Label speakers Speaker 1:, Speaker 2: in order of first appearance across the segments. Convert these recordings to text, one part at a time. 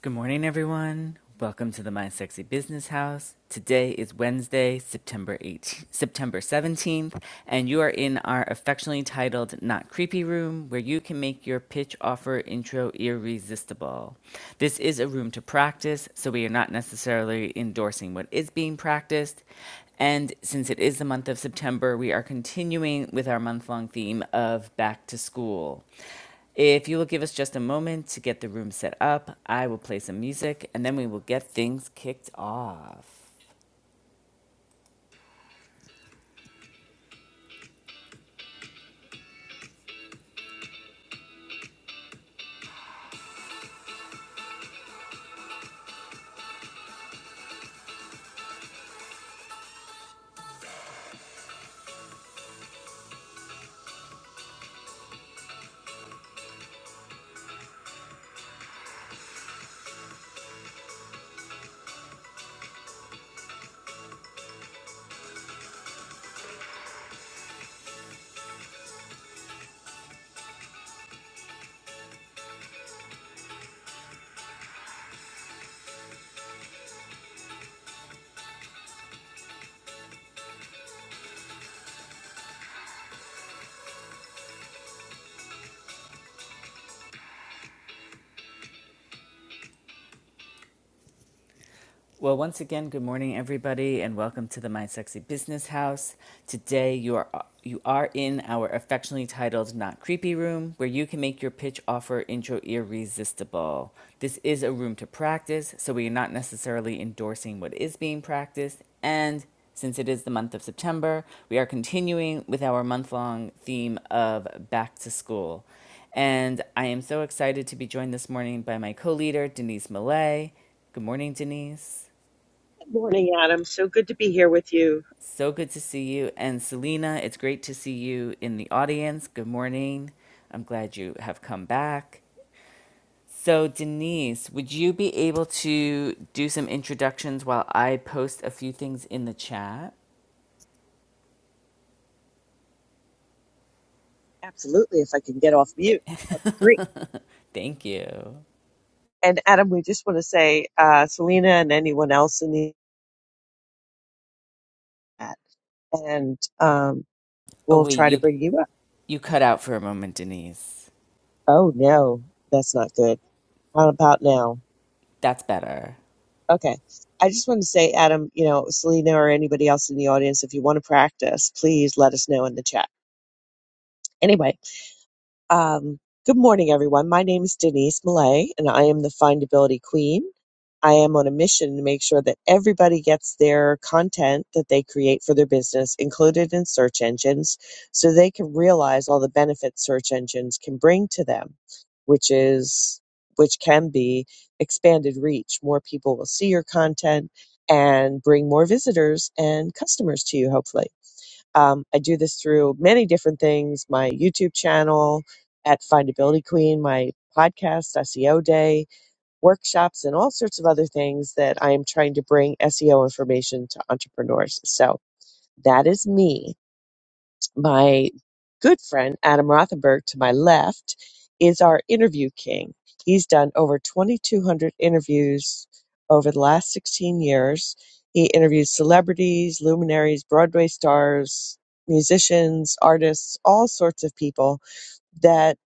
Speaker 1: Good morning, everyone. Welcome to the My Sexy Business House. Today is Wednesday, September 8th, September 17th, and you are in our affectionately titled Not Creepy Room, where you can make your pitch offer intro irresistible. This is a room to practice, so we are not necessarily endorsing what is being practiced. And since it is the month of September, we are continuing with our month long theme of back to school. If you will give us just a moment to get the room set up, I will play some music and then we will get things kicked off. Well, once again, good morning, everybody, and welcome to the My Sexy Business House. Today, you are you are in our affectionately titled "Not Creepy" room, where you can make your pitch offer intro irresistible. This is a room to practice, so we are not necessarily endorsing what is being practiced, and since it is the month of September, we are continuing with our month long theme of back to school. And I am so excited to be joined this morning by my co leader, Denise Millay. Good morning, Denise.
Speaker 2: Morning, Adam. So good to be here with you.
Speaker 1: So good to see you. And Selena, it's great to see you in the audience. Good morning. I'm glad you have come back. So, Denise, would you be able to do some introductions while I post a few things in the chat?
Speaker 2: Absolutely, if I can get off mute, that would be great.
Speaker 1: Thank you.
Speaker 2: And Adam, we just want to say, uh, Selena and anyone else in the chat, and um,
Speaker 1: Oh,
Speaker 2: we'll
Speaker 1: wait,
Speaker 2: try to
Speaker 1: you,
Speaker 2: bring you up.
Speaker 1: you cut out for a moment, Denise.
Speaker 2: Oh no, that's not good. How about now?
Speaker 1: That's better.
Speaker 2: Okay. I just want to say, Adam, you know, Selena or anybody else in the audience, if you want to practice, please let us know in the chat. Anyway, Um, good morning, everyone. My name is Denise Millay, and I am the Findability Queen. I am on a mission to make sure that everybody gets their content that they create for their business included in search engines so they can realize all the benefits search engines can bring to them, which is which can be expanded reach. More people will see your content and bring more visitors and customers to you, hopefully. Um, I do this through many different things my YouTube channel at Findability Queen, my podcast, SEO Day, workshops, and all sorts of other things that I am trying to bring SEO information to entrepreneurs. So that is me my good friend Adam Rothenberg to my left is our interview king. He's done over 2,200 interviews over the last 16 years. He interviews celebrities, luminaries, Broadway stars, musicians, artists, all sorts of people that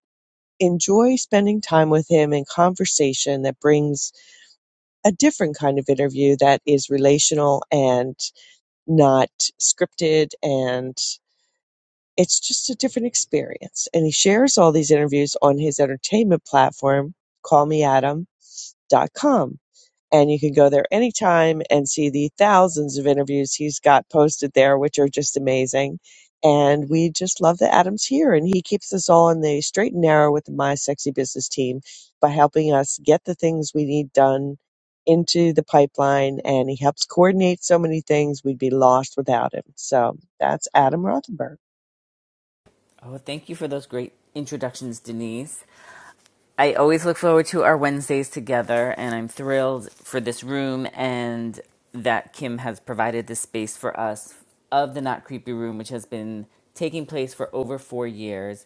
Speaker 2: enjoy spending time with him in conversation that brings a different kind of interview that is relational and not scripted and it's just a different experience. And he shares all these interviews on his entertainment platform, call me adam dot com, And you can go there anytime and see the thousands of interviews he's got posted there, which are just amazing. And we just love that Adam's here and he keeps us all on the straight and narrow with the My Sexy Business team by helping us get the things we need done into the pipeline and he helps coordinate so many things we'd be lost without him. So that's Adam Rothenberg.
Speaker 1: Oh, thank you for those great introductions, Denise. I always look forward to our Wednesdays together, and I'm thrilled for this room and that Kim has provided this space for us of the Not Creepy Room, which has been taking place for over four years.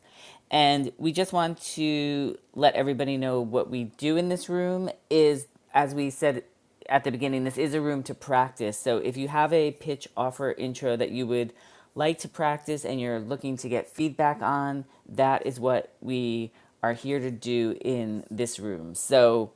Speaker 1: And we just want to let everybody know what we do in this room is, as we said at the beginning, this is a room to practice. So if you have a pitch offer intro that you would like to practice and you're looking to get feedback on, that is what we are here to do in this room. So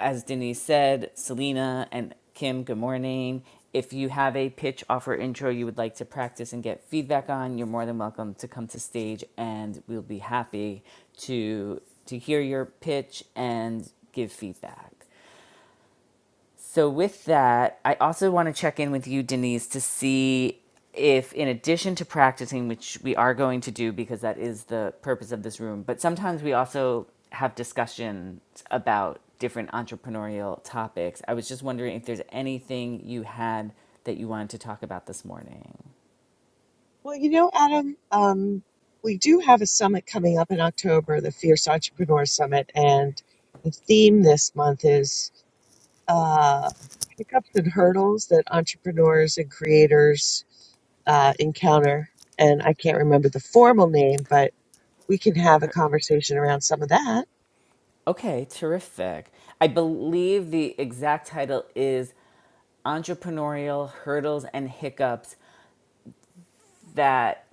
Speaker 1: as Denise said, Selena and Kim, good morning. If you have a pitch offer intro you would like to practice and get feedback on, you're more than welcome to come to stage and we'll be happy to to hear your pitch and give feedback. So, with that, I also want to check in with you, Denise, to see if, in addition to practicing, which we are going to do because that is the purpose of this room, but sometimes we also have discussions about different entrepreneurial topics. I was just wondering if there's anything you had that you wanted to talk about this morning.
Speaker 2: Well, you know, Adam, um, we do have a summit coming up in October, the Fierce Entrepreneur Summit, and the theme this month is uh, hiccups and hurdles that entrepreneurs and creators uh, encounter. And I can't remember the formal name, but we can have a conversation around some of that.
Speaker 1: Okay, terrific. I believe the exact title is Entrepreneurial Hurdles and Hiccups That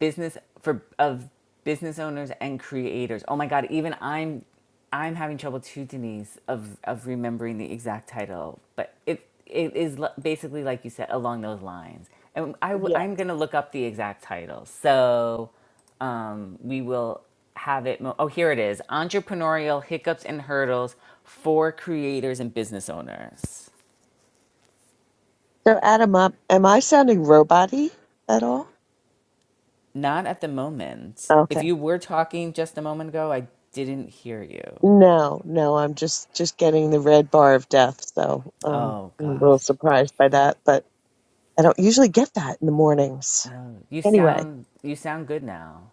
Speaker 1: business for of business owners and creators. Oh my god, even I'm I'm having trouble too, Denise, of of remembering the exact title, but it it is basically like you said along those lines. And I i w-
Speaker 2: Yes.
Speaker 1: I'm gonna look up the exact title, so um, we will have it. Mo- oh, here it is: entrepreneurial hiccups and hurdles for creators and business owners.
Speaker 2: So, Adam, um, am I sounding robot at all?
Speaker 1: Not at the moment.
Speaker 2: Okay.
Speaker 1: If you were talking just a moment ago, I didn't hear you.
Speaker 2: No, no, I'm just just getting the red bar of death, so um,
Speaker 1: Oh
Speaker 2: I'm a
Speaker 1: gosh.
Speaker 2: little surprised by that, but I don't usually get that in the mornings.
Speaker 1: No. You
Speaker 2: Anyway,
Speaker 1: sound you sound good now.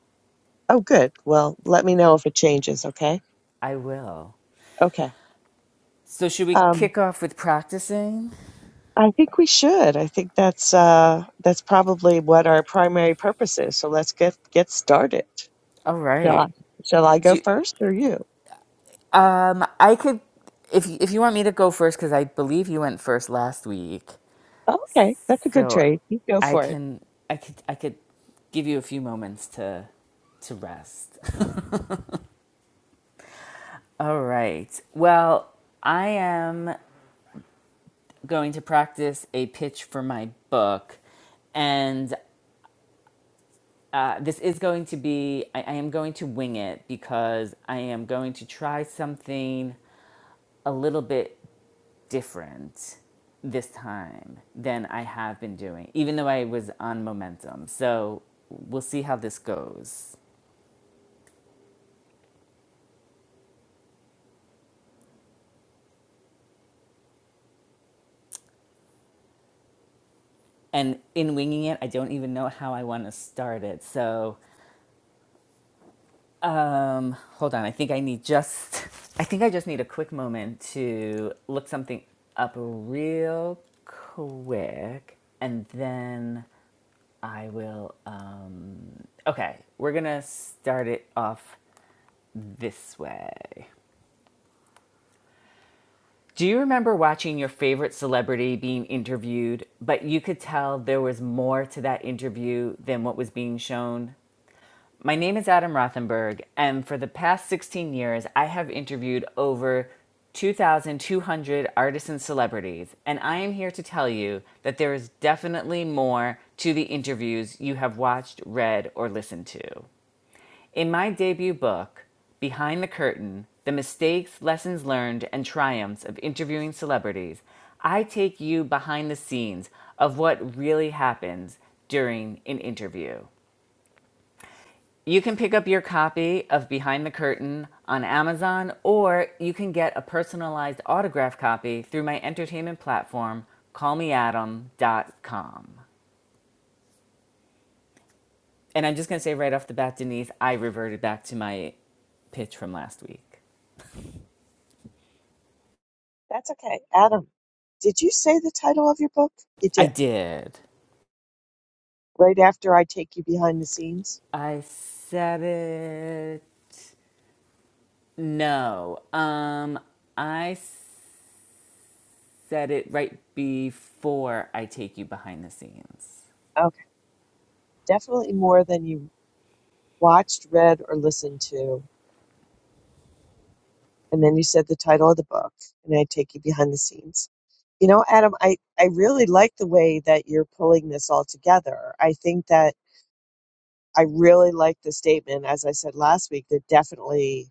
Speaker 2: oh good. Well, let me know if it changes, okay?
Speaker 1: I will.
Speaker 2: Okay.
Speaker 1: So should we
Speaker 2: Um,
Speaker 1: kick off with practicing?
Speaker 2: I think we should. I think that's uh that's probably what our primary purpose is. So let's get get started.
Speaker 1: All
Speaker 2: Shall I,
Speaker 1: right.
Speaker 2: shall I
Speaker 1: Do
Speaker 2: go
Speaker 1: you,
Speaker 2: first or you?
Speaker 1: I could if if you want me to go first cuz I believe you went first last week.
Speaker 2: Oh, okay, that's a good
Speaker 1: So
Speaker 2: trade. You go
Speaker 1: I
Speaker 2: for it.
Speaker 1: can I could I could give you a few moments to to rest. All right. Well, I am going to practice a pitch for my book and Uh, this is going to be, I, I am going to wing it because I am going to try something a little bit different this time than I have been doing, even though I was on momentum. So we'll see how this goes. And in winging it, I don't even know how I want to start it. So Um, hold on. I think I need just I think I just need a quick moment to look something up real quick and then I will um okay, we're going to start it off this way. Do you remember watching your favorite celebrity being interviewed, but you could tell there was more to that interview than what was being shown? My name is Adam Rothenberg, and for the past 16 years, I have interviewed over 2,200 artists and celebrities, and I am here to tell you that there is definitely more to the interviews you have watched, read, or listened to. In my debut book, Behind the Curtain The Mistakes, Lessons Learned, and Triumphs of Interviewing Celebrities, I take you behind the scenes of what really happens during an interview. You can pick up your copy of Behind the Curtain on Amazon, or you can get a personalized autograph copy through my entertainment platform, call me adam dot com. And I'm just going to say right off the bat, Denise, I reverted back to my pitch from last week.
Speaker 2: That's okay. Adam, did you say the title of your book? You
Speaker 1: I
Speaker 2: did.
Speaker 1: did.
Speaker 2: right after I take you behind the scenes?
Speaker 1: I said it. No. Um, I said it right before I take you behind the scenes.
Speaker 2: Okay. Definitely more than you watched, read, or listened to. And then you said the title of the book, and I take you behind the scenes. You know, Adam, I, I really like the way that you're pulling this all together. I think that I really like the statement, as I said last week, that definitely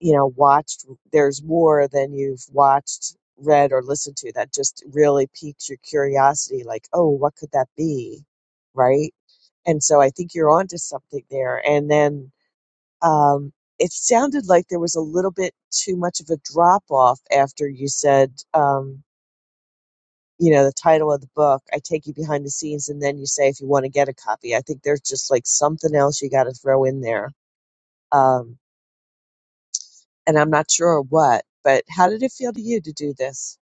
Speaker 2: you know watched there's more than you've watched read or listened to that just really piques your curiosity like oh what could that be right and so i think you're onto something there and then um it sounded like there was a little bit too much of a drop off after you said um you know the title of the book i take you behind the scenes and then you say if you want to get a copy i think there's just like something else you got to throw in there Um, and I'm not sure what, but how did it feel to you to do this?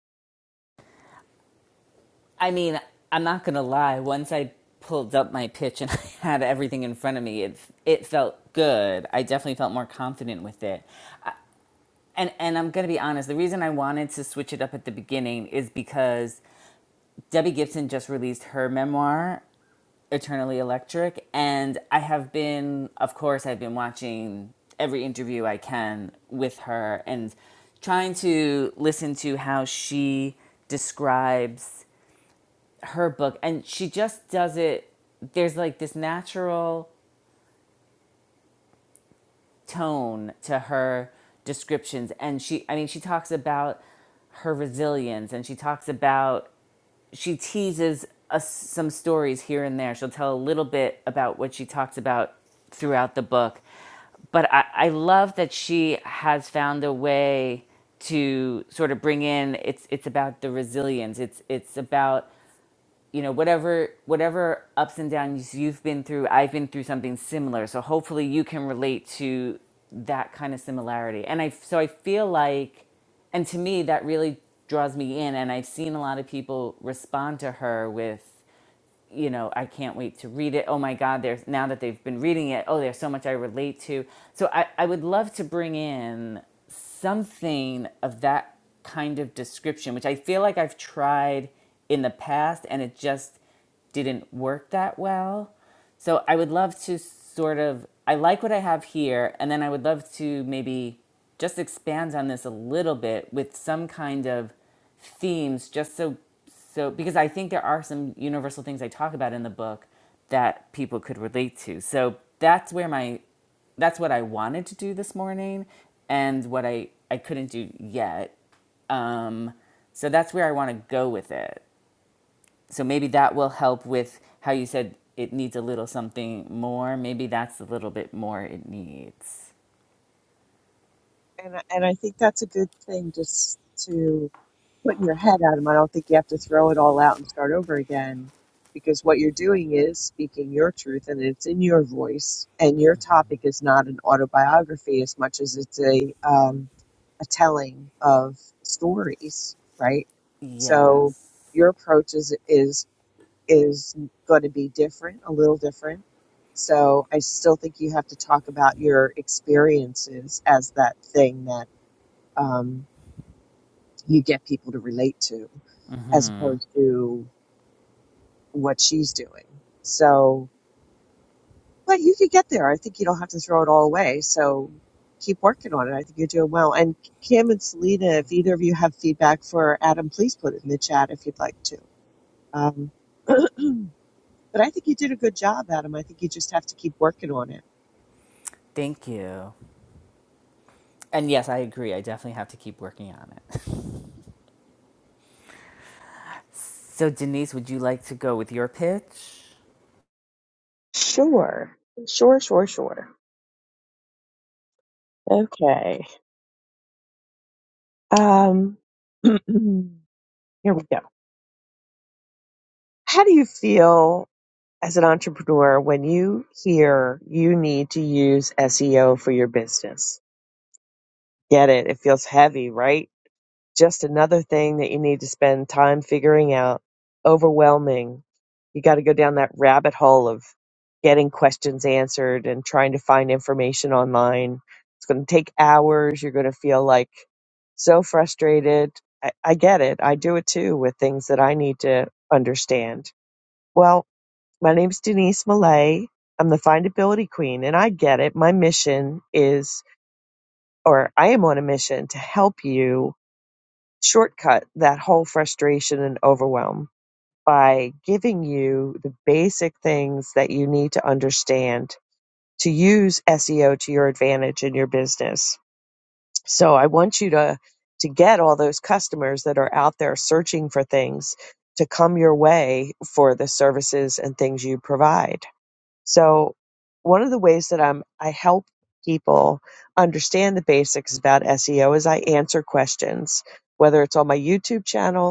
Speaker 1: I mean, I'm not gonna lie. Once I pulled up my pitch and I had everything in front of me, it it felt good. I definitely felt more confident with it. And and I'm gonna be honest. The reason I wanted to switch it up at the beginning is because Debbie Gibson just released her memoir, Eternally Electric, and I have been, of course, I've been watching every interview I can with her and trying to listen to how she describes her book and she just does it there's like this natural tone to her descriptions and she i mean she talks about her resilience and she talks about she teases us some stories here and there she'll tell a little bit about what she talks about throughout the book but I, I love that she has found a way to sort of bring in it's it's about the resilience it's it's about you know whatever whatever ups and downs you've been through i've been through something similar so hopefully you can relate to that kind of similarity and i so i feel like and to me that really draws me in and i've seen a lot of people respond to her with you know, I can't wait to read it. Oh my God, there's now that they've been reading it, oh, there's so much I relate to. So I, I would love to bring in something of that kind of description, which I feel like I've tried in the past and it just didn't work that well. So I would love to sort of I like what I have here and then I would love to maybe just expand on this a little bit with some kind of themes just so so because I think there are some universal things I talk about in the book that people could relate to. So that's where my that's what I wanted to do this morning and what I I couldn't do yet. Um so that's where I want to go with it so maybe that will help with how you said it needs a little something more. Maybe that's a little bit more it needs.
Speaker 2: And I- and I think that's a good thing just to put in your head, Adam. I don't think you have to throw it all out and start over again because what you're doing is speaking your truth and it's in your voice. And your topic is not an autobiography as much as it's a um, a telling of stories, right? So
Speaker 1: Yes.
Speaker 2: your approach is is is going to be different, a little different. So I still think you have to talk about your experiences as that thing that um, you get people to relate to, as opposed to what she's doing. So, but you could get there. I think you don't have to throw it all away. So keep working on it. I think you're doing well. And Kim and Selena, if either of you have feedback for Adam, please put it in the chat if you'd like to. Um, But I think you did a good job, Adam. I think you just have to keep working on it.
Speaker 1: Thank you. And yes, I agree. I definitely have to keep working on it. So Denise, would you like to go with your pitch?
Speaker 2: Sure. Sure, sure, sure. Okay. Um, here we go. How do you feel as an entrepreneur when you hear you need to use SEO for your business? Get it. It feels heavy, right? Just another thing that you need to spend time figuring out. Overwhelming. You got to go down that rabbit hole of getting questions answered and trying to find information online. It's going to take hours. You're going to feel like so frustrated. I, I get it. I do it too with things that I need to understand. Well, my name's Denise Millay. I'm the findability queen, and I get it. My mission is, or I am on a mission to help you shortcut that whole frustration and overwhelm by giving you the basic things that you need to understand to use SEO to your advantage in your business. So I want you to to get all those customers that are out there searching for things to come your way for the services and things you provide. So one of the ways that I'm I help people understand the basics about SEO is I answer questions whether it's on my YouTube channel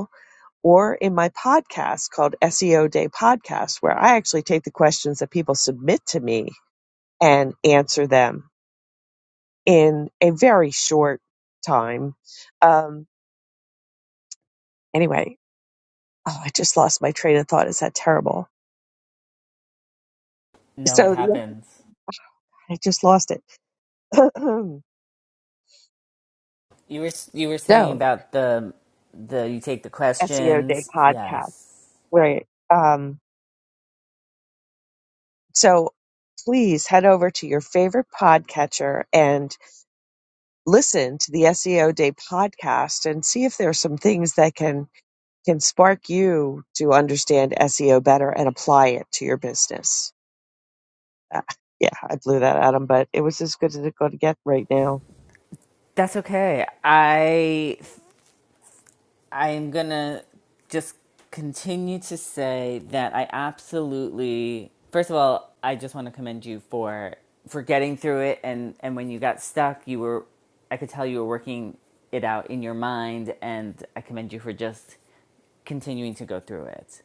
Speaker 2: or in my podcast called SEO Day Podcast, where I actually take the questions that people submit to me and answer them in a very short time. Um, anyway, oh, I just lost my train of thought. Is that terrible?
Speaker 1: No, it
Speaker 2: So the,
Speaker 1: happens.
Speaker 2: I just lost it.
Speaker 1: You were you were saying
Speaker 2: so
Speaker 1: about the the you take the
Speaker 2: SEO Day
Speaker 1: questions.
Speaker 2: Podcast,
Speaker 1: Yes.
Speaker 2: where um, so please head over to your favorite podcatcher and listen to the SEO Day podcast and see if there are some things that can can spark you to understand SEO better and apply it to your business. Uh, yeah, I blew that, Adam, but it was as good as it's going to get right now.
Speaker 1: That's okay. I I am gonna just continue to say that I absolutely first of all, I just wanna commend you for for getting through it and, and when you got stuck you were I could tell you were working it out in your mind and I commend you for just continuing to go through it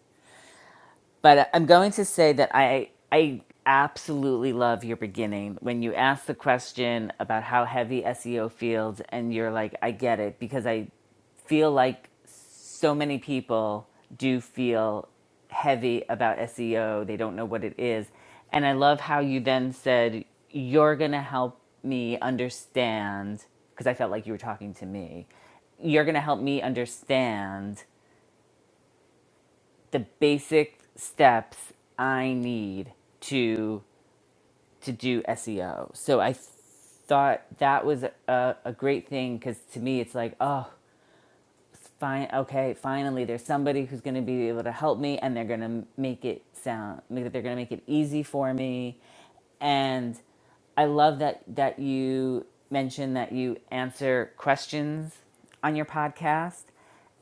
Speaker 1: but I'm going to say that I I absolutely love your beginning when you ask the question about how heavy SEO feels and you're like I get it because I feel like so many people do feel heavy about SEO they don't know what it is and I love how you then said you're going to help me understand because I felt like you were talking to me you're going to help me understand the basic steps I need to to do SEO. So I thought that was a, a great thing because to me it's like oh fine okay finally there's somebody who's going to be able to help me and they're going to make it sound make- they're going to make it easy for me and I love that that you mentioned that you answer questions on your podcast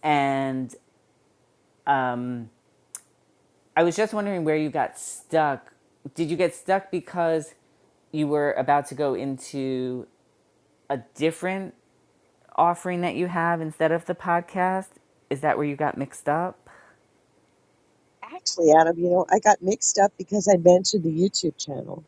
Speaker 1: and I was just wondering where you got stuck. Did you get stuck because you were about to go into a different offering that you have instead of the podcast? Is that where you got mixed up?
Speaker 2: Actually, Adam, you know, I got mixed up because I mentioned the YouTube channel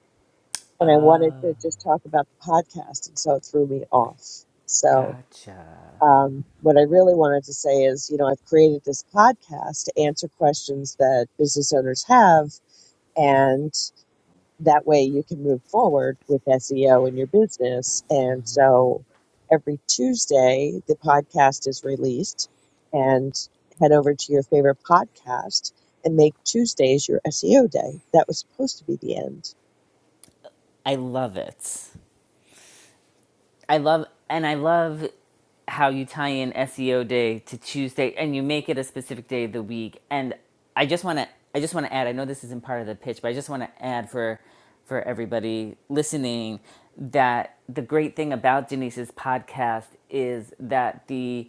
Speaker 2: and I
Speaker 1: Oh,
Speaker 2: wanted to just talk about the podcast, and so it threw me off. So,
Speaker 1: Gotcha.
Speaker 2: um, what I really wanted to say is, you know, I've created this podcast to answer questions that business owners have, and that way you can move forward with SEO in your business. And so every Tuesday, the podcast is released and head over to your favorite podcast and make Tuesdays your SEO day. That was supposed to be the end.
Speaker 1: I love it. I love and I love how you tie in SEO day to Tuesday and you make it a specific day of the week. And I just want to I just want to add, I know this isn't part of the pitch, but I just want to add for for everybody listening that the great thing about Denise's podcast is that the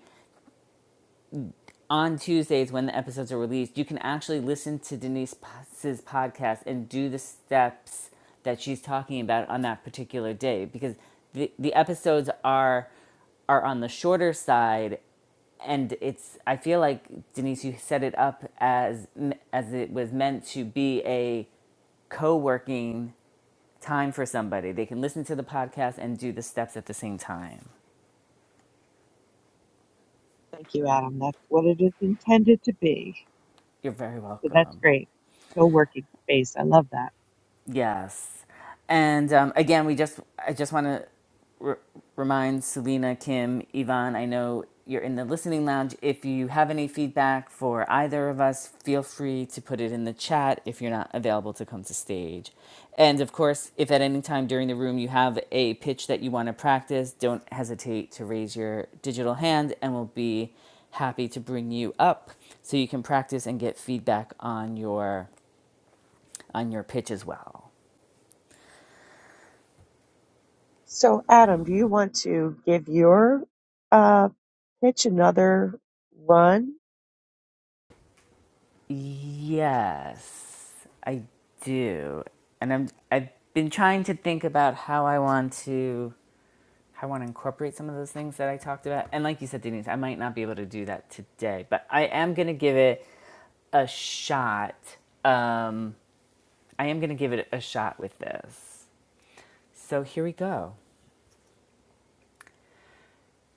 Speaker 1: on Tuesdays when the episodes are released, you can actually listen to Denise's podcast and do the steps that she's talking about on that particular day because the, the episodes are are on the shorter side and it's I feel like Denise you set it up as as it was meant to be a co-working time for somebody. They can listen to the podcast and do the steps at the same time.
Speaker 2: Thank you, Adam. That's what it is intended to be.
Speaker 1: You're very
Speaker 2: So that's
Speaker 1: welcome.
Speaker 2: great. Co working space. I love that.
Speaker 1: Yes. And um, again, we just I just want to re- remind Selena, Kim, Yvonne, I know you're in the listening lounge. If you have any feedback for either of us, feel free to put it in the chat if you're not available to come to stage. And of course, if at any time during the room you have a pitch that you want to practice, don't hesitate to raise your digital hand and we'll be happy to bring you up so you can practice and get feedback on your on your pitch as well.
Speaker 2: So, Adam, do you want to give your uh, pitch another run?
Speaker 1: Yes, I do. And I'm I've been trying to think about how I want to how I want to incorporate some of those things that I talked about. And like you said, Denise, I might not be able to do that today, but I am going to give it a shot. Um, I am going to give it a shot with this. So here we go.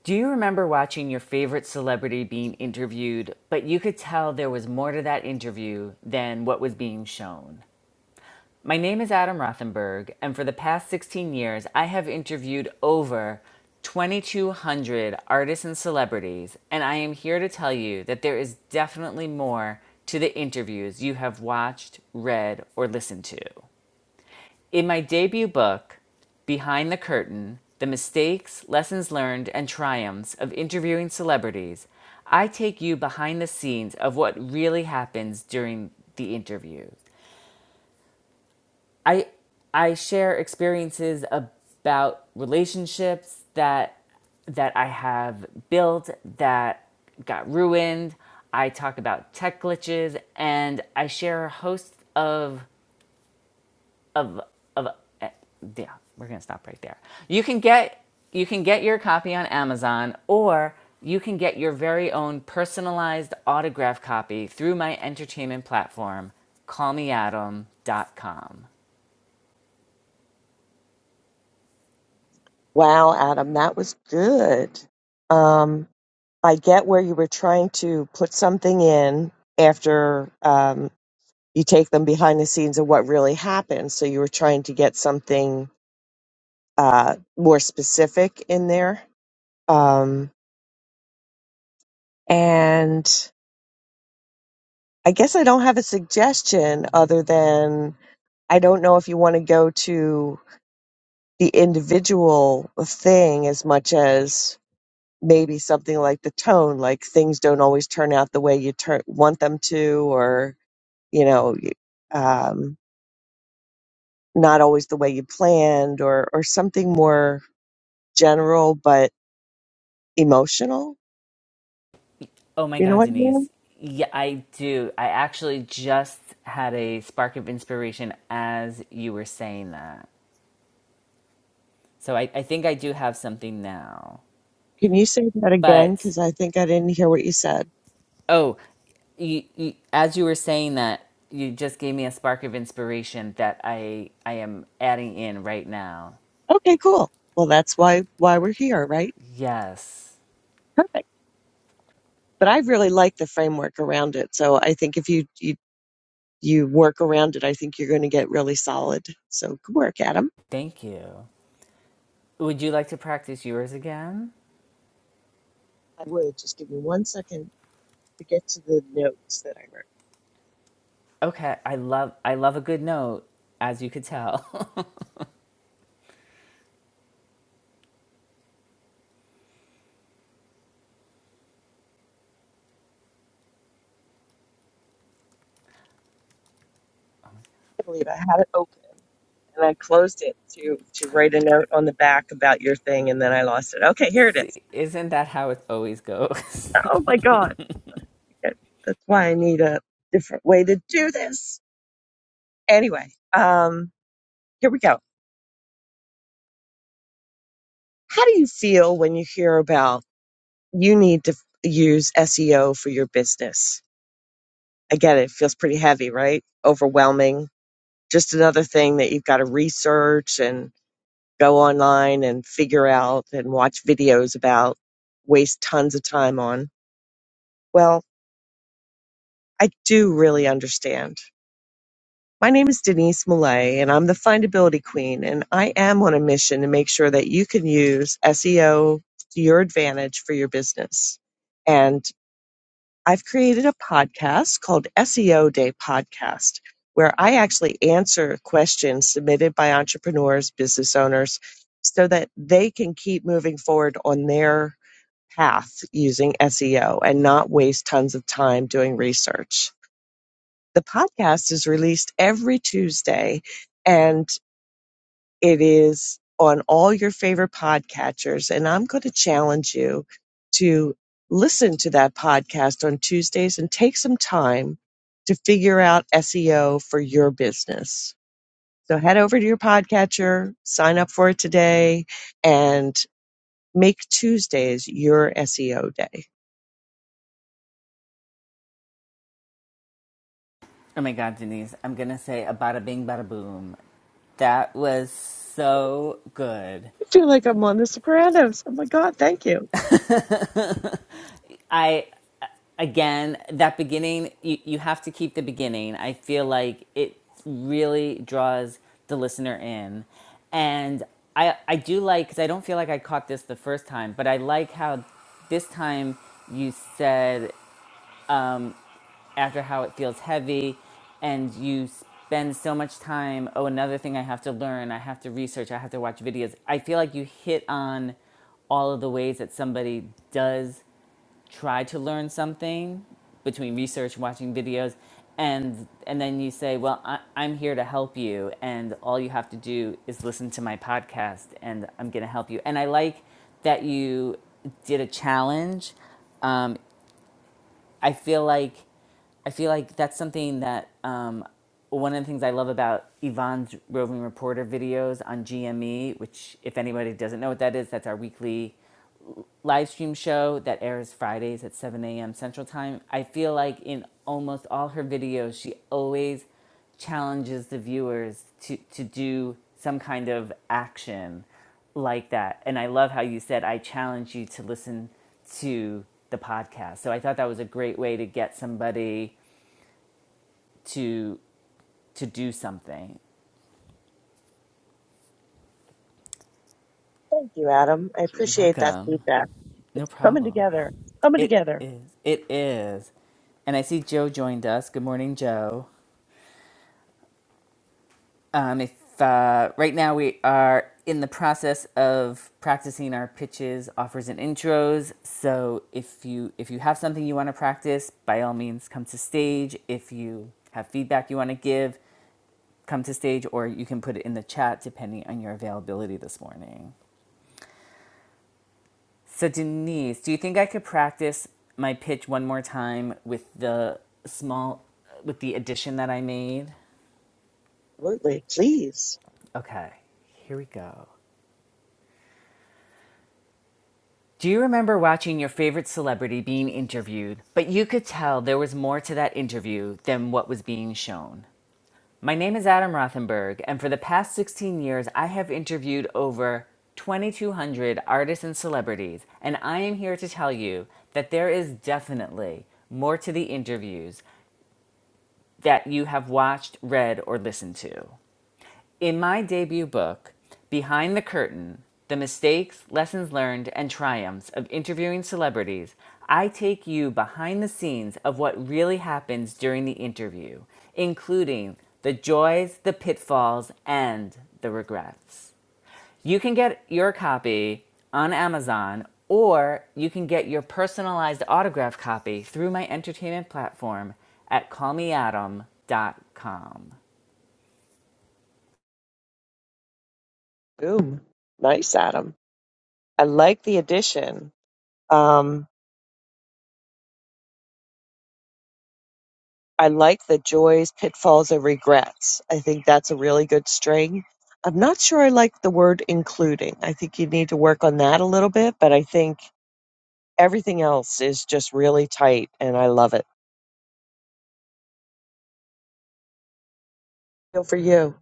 Speaker 1: Do you remember watching your favorite celebrity being interviewed, but you could tell there was more to that interview than what was being shown? My name is Adam Rothenberg, and for the past 16 years, I have interviewed over 2,200 artists and celebrities, and I am here to tell you that there is definitely more to the interviews you have watched, read, or listened to. In my debut book, Behind the Curtain The Mistakes, Lessons Learned, and Triumphs of Interviewing Celebrities, I take you behind the scenes of what really happens during the interviews. I I share experiences about relationships that that I have built that got ruined. I talk about tech glitches and I share a host of of of eh, yeah, we're going to stop right there. You can get you can get your copy on Amazon or you can get your very own personalized autograph copy through my entertainment platform call me adam dot com.
Speaker 2: Wow, Adam, that was good. Um, I get where you were trying to put something in after um, you take them behind the scenes of what really happened. So, you were trying to get something uh, more specific in there. Um, and I guess I don't have a suggestion other than I don't know if you want to go to the individual thing as much as maybe something like the tone like things don't always turn out the way you turn, want them to or you know um, not always the way you planned or or something more general but emotional
Speaker 1: Oh my
Speaker 2: you know
Speaker 1: God,
Speaker 2: what i mean
Speaker 1: Denise. Yeah, I do. I actually just had a spark of inspiration as you were saying that. So I, I think I do have something now.
Speaker 2: can you say that again
Speaker 1: But,
Speaker 2: because i think i didn't hear what you said
Speaker 1: oh, you, you, as you were saying that, you just gave me a spark of inspiration that I, I am adding in right now.
Speaker 2: okay cool well that's why why we're here right
Speaker 1: Yes.
Speaker 2: perfect but i really like the framework around it so i think if you you you work around it, I think you're going to get really solid. So good work, Adam.
Speaker 1: Thank you. Would you like to practice yours again?
Speaker 2: I would just give me one second to get to the notes that I wrote.
Speaker 1: Okay, I love I love a good note, as you could tell.
Speaker 2: I believe I had it open and I closed it to to write a note on the back about your thing, and then I lost it. Okay, here it
Speaker 1: See,
Speaker 2: is.
Speaker 1: isn't that how it always goes?
Speaker 2: Oh my god, Okay, that's why I need a different way to do this. Anyway, um, here we go. How do you feel when you hear about you need to use SEO for your business? Again, it feels pretty heavy, right? Overwhelming. Just another thing that you've got to research and go online and figure out and watch videos about, waste tons of time on. Well, I do really understand. My name is Denise Millay, and I'm the findability queen, and I am on a mission to make sure that you can use SEO to your advantage for your business. And I've created a podcast called SEO Day Podcast, where I actually answer questions submitted by entrepreneurs, business owners, so that they can keep moving forward on their path using SEO and not waste tons of time doing research. The podcast is released every Tuesday. And it is on all your favorite podcatchers. And I'm going to challenge you to listen to that podcast on Tuesdays and take some time to figure out SEO for your business. So head over to your podcatcher, sign up for it today, and make Tuesdays your SEO day.
Speaker 1: oh my God, Denise, I'm going to say a bada bing, bada boom. That was so good.
Speaker 2: I feel like I'm on The Sopranos. Oh my God, thank you.
Speaker 1: I, again, that beginning, you, you have to keep the beginning. I feel like it really draws the listener in. And I, I do like, because I don't feel like I caught this the first time, but I like how this time you said after how it feels heavy and you spend so much time oh another thing i have to learn i have to research i have to watch videos i feel like you hit on all of the ways that somebody does try to learn something between research watching videos and and then you say well I, i'm here to help you and all you have to do is listen to my podcast and i'm going to help you and i like that you did a challenge um, i feel like I feel like that's something that um, one of the things I love about Yvonne's roving reporter videos on GME, which if anybody doesn't know what that is, that's our weekly live stream show that airs Fridays at 7 a.m. Central Time. I feel like in almost all her videos, she always challenges the viewers to, to do some kind of action like that. And I love how you said, I challenge you to listen to the podcast. So I thought that was a great way to get somebody to to do something. You're welcome. No problem. It
Speaker 2: There.
Speaker 1: is. It is. And I see Joe joined us. Good morning, Joe. Um, if uh, right now we are in the process of practicing our pitches, offers, and intros. So if you if you have something you want to practice, by all means, come to stage. If you have feedback you want to give, come to stage, or you can put it in the chat depending on your availability this morning. So, Denise, do you think I could practice my pitch one more time with the small, with the addition that I made?
Speaker 2: Absolutely. Please.
Speaker 1: Okay, here we go. Do you remember watching your favorite celebrity being interviewed, but you could tell there was more to that interview than what was being shown? My name is Adam Rothenberg, and for the past 16 years, I have interviewed over 2,200 artists and celebrities, and I am here to tell you that there is definitely more to the interviews that you have watched, read, or listened to. In my debut book, Behind the Curtain The Mistakes, Lessons Learned, and Triumphs of Interviewing Celebrities, I take you behind the scenes of what really happens during the interview, including the joys, the pitfalls, and the regrets. You can get your copy on Amazon or you can get your personalized autograph copy through my entertainment platform at call me adam dot com.
Speaker 2: Boom. Nice, Adam. I like the addition. Um, I like the joys, pitfalls, and regrets. I think that's a really good string. I'm not sure I like the word including. I think you need to work on that a little bit, but I think everything else is just really tight and I love it. Feel for you.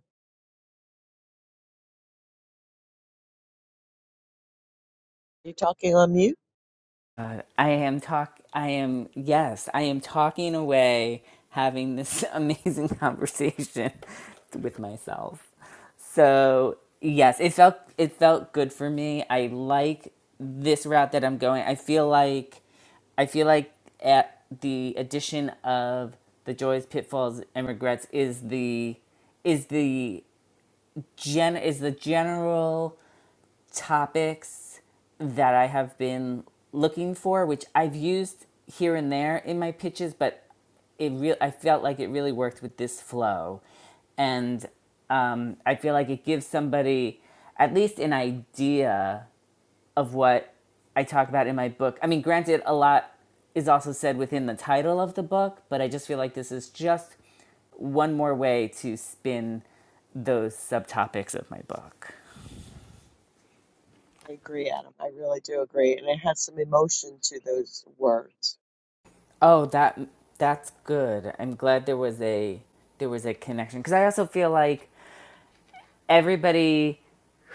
Speaker 2: You talking on mute?
Speaker 1: God, I am talk. I am yes. I am talking away, having this amazing conversation with myself. So yes, it felt it felt good for me. I like this route that I'm going. I feel like, I feel like at the addition of the joys, pitfalls, and regrets is the is the gen is the general topics that I have been looking for, which I've used here and there in my pitches, but it real I felt like it really worked with this flow, and um, I feel like it gives somebody at least an idea of what I talk about in my book. I mean, granted, a lot is also said within the title of the book, but I just feel like this is just one more way to spin those subtopics of my book.
Speaker 2: I agree, Adam. I really do agree. And it has some emotion to those words.
Speaker 1: Oh, that that's good. I'm glad there was a there was a connection because I also feel like everybody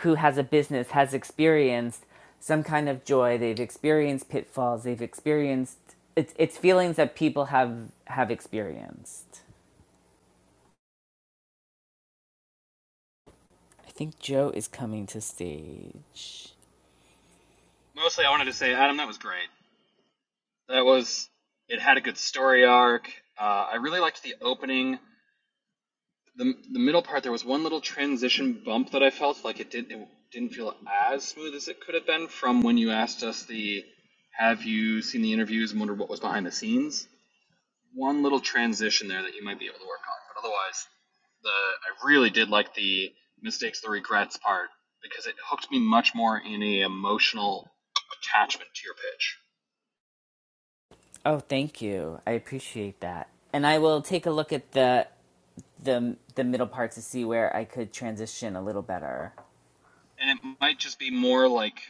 Speaker 1: who has a business has experienced some kind of joy. They've experienced pitfalls. They've experienced it's it's feelings that people have have experienced. I think Joe is coming to stage.
Speaker 3: Mostly, I wanted to say, Adam, that was great. That was it had a good story arc. Uh, I really liked the opening. the The middle part, there was one little transition bump that I felt like it didn't it didn't feel as smooth as it could have been from when you asked us the Have you seen the interviews and wondered what was behind the scenes? One little transition there that you might be able to work on, but otherwise, the I really did like the mistakes, the regrets part because it hooked me much more in a emotional attachment to your pitch.
Speaker 1: Oh, thank you. I appreciate that. And I will take a look at the the the middle part to see where I could transition a little better.
Speaker 3: and it might just be more like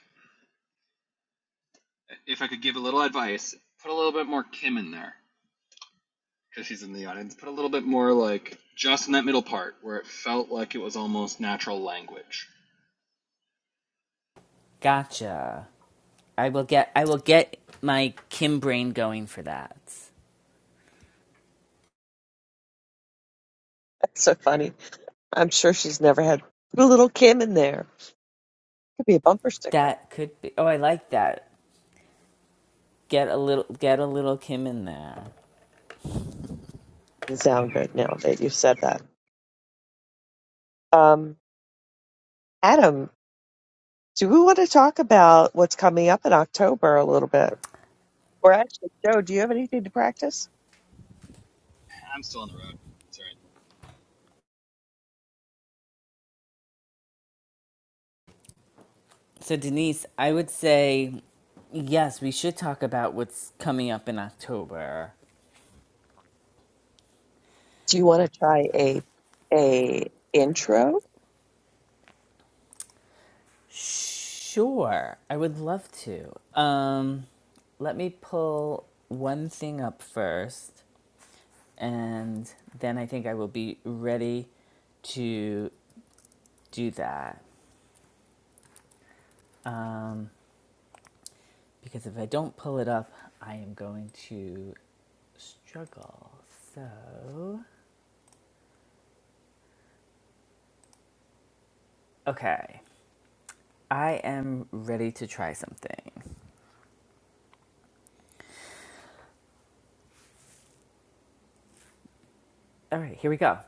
Speaker 3: if I could give a little advice, put a little bit more Kim in there because she's in the audience. Put a little bit more like just in that middle part where it felt like it was almost natural language.
Speaker 1: Gotcha. I will get I will get my Kim brain going for that.
Speaker 2: That's so funny. I'm sure she's never had put a little Kim in there. Could be a bumper sticker.
Speaker 1: That could be oh I like that. Get a little get a little Kim in there.
Speaker 2: Doesn't sound good now that you said that. Um, Adam, Do we want to talk about what's coming up in October a little bit? Or actually, Joe, do you have anything to practice?
Speaker 3: I'm still on the road. It's all
Speaker 1: So Denise, I would say yes, we should talk about what's coming up in October.
Speaker 2: Do you want to try a a intro?
Speaker 1: Sure. I would love to. Um let me pull one thing up first and then I think I will be ready to do that. because if I don't pull it up, I am going to struggle. So, okay, I am ready to try something. All right, here we go.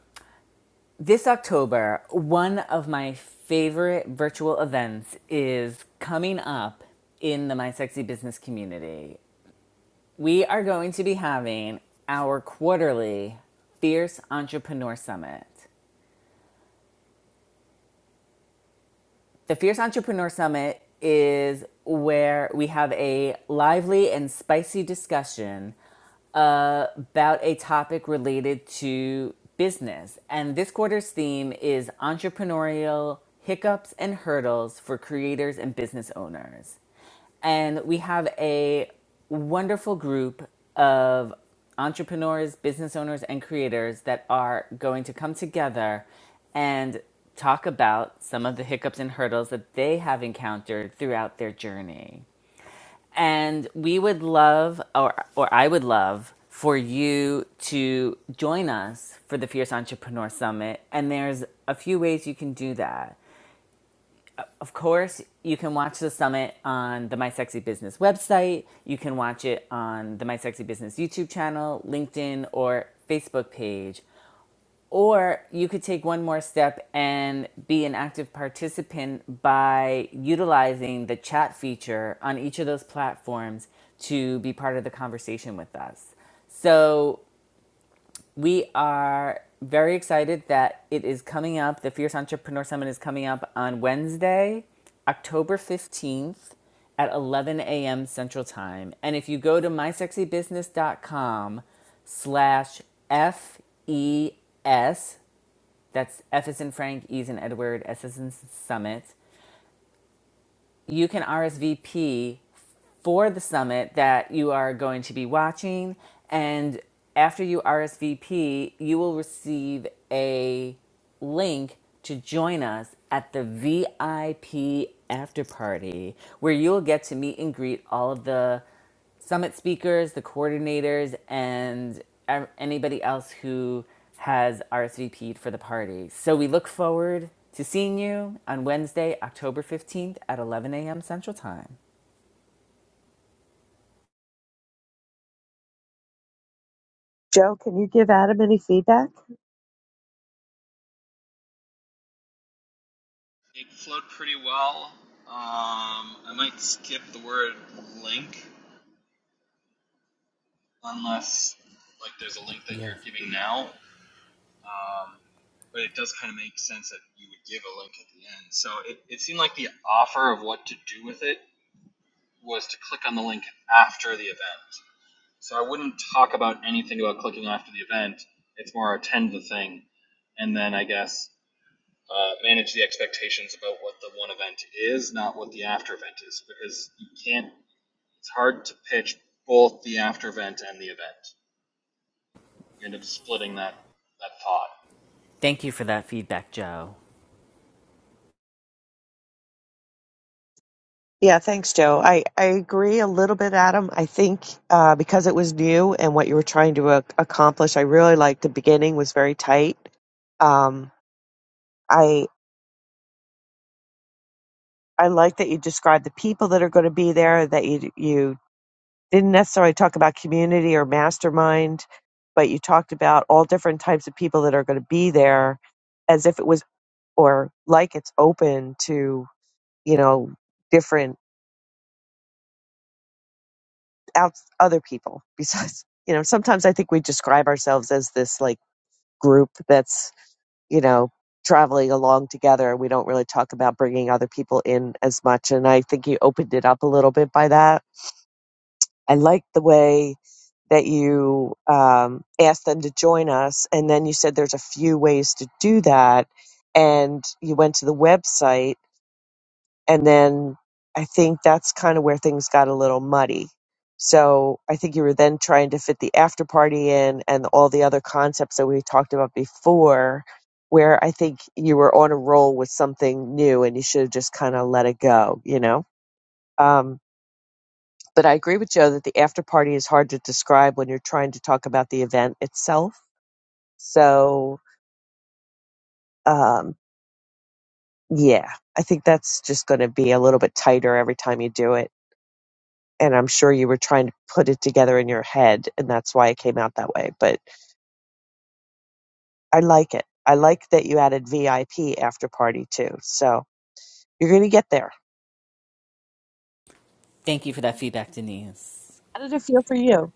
Speaker 1: This October, one of my favorite virtual events is coming up in the My Sexy Business community. We are going to be having our quarterly Fierce Entrepreneur Summit. The Fierce Entrepreneur Summit is where we have a lively and spicy discussion uh, about a topic related to business. And this quarter's theme is entrepreneurial hiccups and hurdles for creators and business owners and we have a wonderful group of entrepreneurs, business owners, and creators that are going to come together and talk about some of the hiccups and hurdles that they have encountered throughout their journey. And we would love, or, or I would love, for you to join us for the Fierce Entrepreneur Summit. And there's a few ways you can do that. Of course, you can watch the summit on the My Sexy Business website. You can watch it on the My Sexy Business YouTube channel, LinkedIn, or Facebook page. Or you could take one more step and be an active participant by utilizing the chat feature on each of those platforms to be part of the conversation with us. So we are very excited that it is coming up. The Fierce Entrepreneur Summit is coming up on Wednesday, October 15th at 11 a.m. Central Time. And if you go to mysexybusiness.com slash F-E-S, that's F is in Frank, E is in Edward, S is in Summit, you can RSVP for the summit that you are going to be watching. And after you RSVP, you will receive a link to join us at the VIP after party, where you'll get to meet and greet all of the summit speakers, the coordinators, and ev- anybody else who has RSVP'd for the party. So we look forward to seeing you on Wednesday, October 15th at 11 a.m. Central Time.
Speaker 2: Joe, can you give Adam any feedback?
Speaker 3: right. It flowed pretty well. Um, I might skip the word link unless like there's a link that
Speaker 1: Yes.
Speaker 3: you're giving now. Um, but it does kind of make sense that you would give a link at the end. So it, it seemed like the offer of what to do with it was to click on the link after the event. So I wouldn't talk about anything about clicking after the event. It's more attend the thing, and then I guess uh, manage the expectations about what the one event is, not what the after event is, because you can't. It's hard to pitch both the after event and the event. You end up splitting that that thought.
Speaker 1: Thank you for that feedback, Joe.
Speaker 2: Yeah, thanks, Joe. I, I agree a little bit, Adam. I think uh, because it was new and what you were trying to ac accomplish, I really liked the beginning was very tight. Um, I I like that you described the people that are going to be there, that you you didn't necessarily talk about community or mastermind, but you talked about all different types of people that are going to be there as if it was or like it's open to, you know, different out other people besides, you know, sometimes I think we describe ourselves as this like group that's, you know, traveling along together we don't really talk about bringing other people in as much and I think you opened it up a little bit by that. I like the way that you um, asked them to join us, and then you said there's a few ways to do that, and you went to the website, and then I think that's kind of where things got a little muddy. So I think you were then trying to fit the after party in and all the other concepts that we talked about before, where I think you were on a roll with something new, and you should have just kind of let it go, you know. Um, but I agree with Joe that the after party is hard to describe when you're trying to talk about the event itself. So, um, yeah, I think that's just going to be a little bit tighter every time you do it. And I'm sure you were trying to put it together in your head, and that's why it came out that way. But I like it. I like that you added VIP after party too. So you're going to get there.
Speaker 1: Thank you for that feedback, Denise.
Speaker 2: How did it feel for you?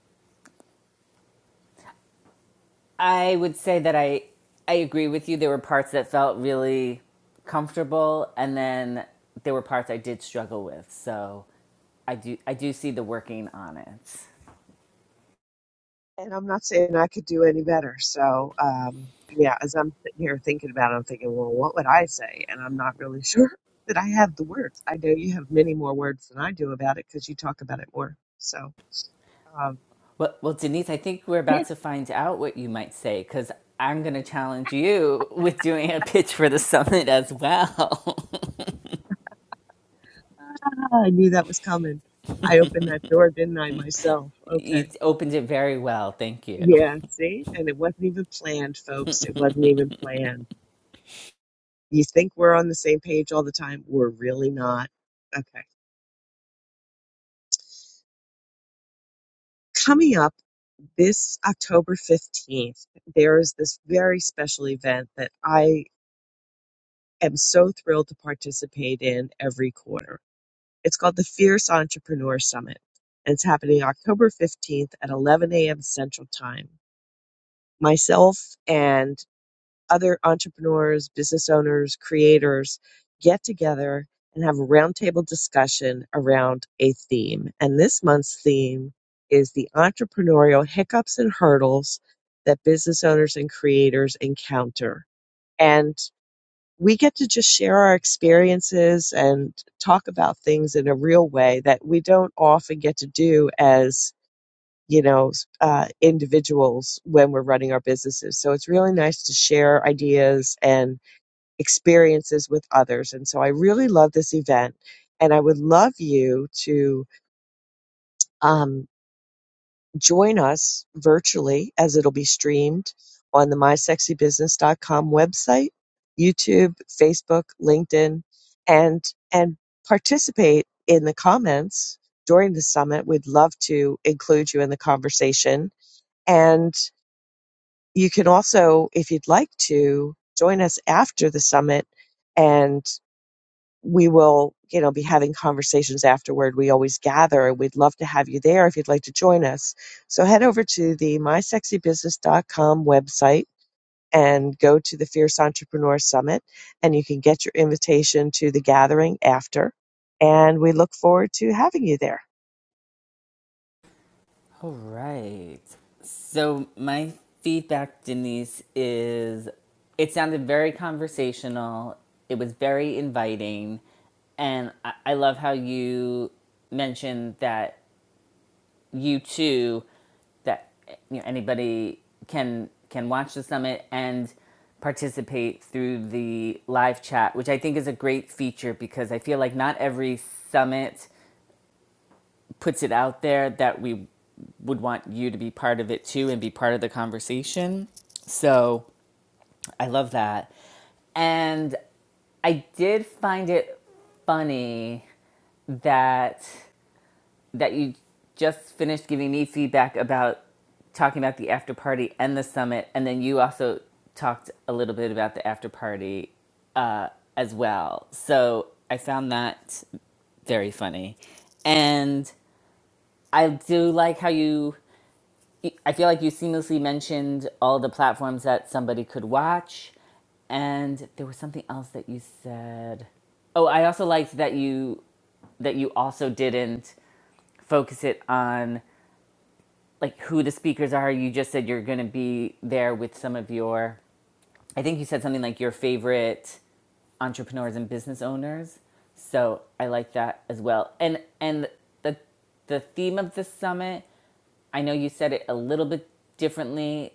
Speaker 1: I would say that I I agree with you. There were parts that felt really comfortable and then there were parts I did struggle with. So I do I do see the working on it.
Speaker 2: And I'm not saying I could do any better. So, um, yeah, as I'm sitting here thinking about it, I'm thinking, well, what would I say? And I'm not really sure that I have the words. I know you have many more words than I do about it because you talk about it more. So, um,
Speaker 1: Well, well Denise, I think we're
Speaker 2: yeah,
Speaker 1: about to find out what you might say cuz I'm going to challenge you with doing a pitch for the summit as well.
Speaker 2: I knew that was coming. I opened that door, didn't I, myself? Okay.
Speaker 1: you opened it very well. Thank you.
Speaker 2: Yeah, see? And it wasn't even planned, folks. It wasn't even planned. You think we're on the same page all the time? We're really not. Okay. Coming up this October 15th, there is this very special event that I am so thrilled to participate in every quarter. It's called the Fierce Entrepreneur Summit. And it's happening October 15th at 11 a.m. Central Time. Myself and other entrepreneurs, business owners, creators get together and have a roundtable discussion around a theme. And this month's theme is the entrepreneurial hiccups and hurdles that business owners and creators encounter. And we get to just share our experiences and talk about things in a real way that we don't often get to do as you know uh, individuals when we're running our businesses so it's really nice to share ideas and experiences with others and so i really love this event and i would love you to um, join us virtually as it'll be streamed on the mysexybusiness.com website youtube facebook linkedin and and participate in the comments during the summit we'd love to include you in the conversation and. You can also, if you'd like to, join us after the summit and we will, you know, be having conversations afterward. We always gather and we'd love to have you there if you'd like to join us. So head over to the mysexybusiness.com website and go to the Fierce Entrepreneur Summit and you can get your invitation to the gathering after. And we look forward to having you there.
Speaker 1: All right. So my feedback, Denise, is it sounded very conversational. It was very inviting, and I, I love how you mentioned that you too, that you know, anybody can can watch the summit and participate through the live chat, which I think is a great feature because I feel like not every summit puts it out there that we would want you to be part of it too and be part of the conversation. So I love that. And I did find it funny that that you just finished giving me feedback about talking about the after party and the summit, and then you also talked a little bit about the after party uh, as well. So I found that very funny. And I do like how you I feel like you seamlessly mentioned all the platforms that somebody could watch, and there was something else that you said. Oh, I also liked that you that you also didn't focus it on like who the speakers are. You just said you're going to be there with some of your. I think you said something like your favorite entrepreneurs and business owners. So I like that as well. And and the the theme of the summit. I know you said it a little bit differently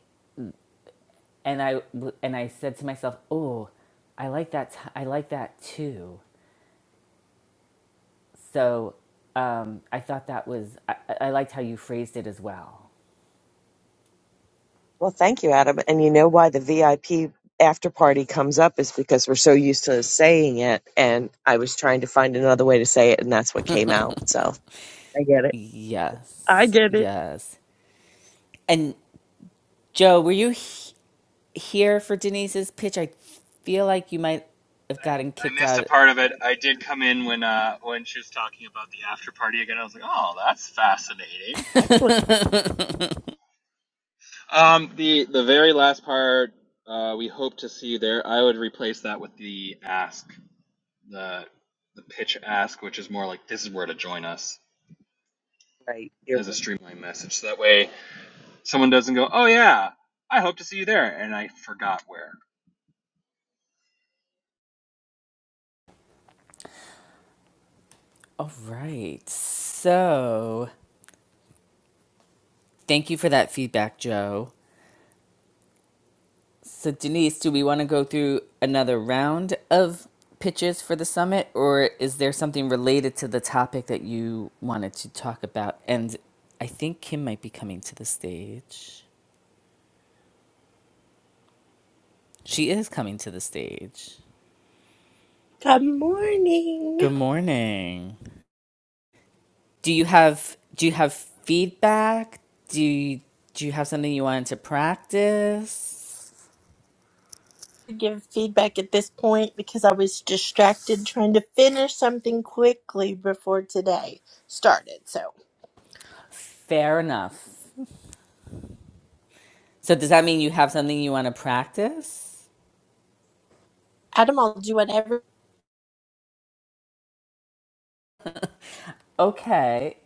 Speaker 1: and I and I said to myself, "Oh, I like that. T- I like that too." So um, I thought that was I, I I liked how you phrased it as well.
Speaker 2: Well, thank you, Adam. And you know why the VIP after party comes up is because we're so used to saying it. And I was trying to find another way to say it, and that's what came out. So I get it. I
Speaker 1: Yes, yes. And Joe, were you he- here for Denise's pitch? I feel like you might have gotten
Speaker 3: I,
Speaker 1: kicked
Speaker 3: missed a
Speaker 1: out.
Speaker 3: part of it. I did come in when uh, when she was talking about the after party again. I was like, oh, that's fascinating.
Speaker 2: actually,
Speaker 3: Um, the the very last part, uh, we hope to see you there. I would replace that with the ask, the the pitch ask, which is more like this is where to join us as a streamline message. So that way, someone doesn't go, oh yeah, I hope to see you there, and I forgot where.
Speaker 1: All right. So, thank you for that feedback, Joe. So, Denise, do we want to go through another round of pitches for the summit, or is there something related to the topic that you wanted to talk about? And I think Kim might be coming to the stage. She is coming to the stage.
Speaker 4: Good morning.
Speaker 1: Good morning. Do you have do you have feedback? Do you, do you have something you wanted to practice?
Speaker 4: Give feedback at this point because I was distracted trying to finish something quickly before today started. So,
Speaker 1: Fair enough. So does that mean you have something you want to practice?
Speaker 4: Adam, I'll do whatever.
Speaker 1: Okay.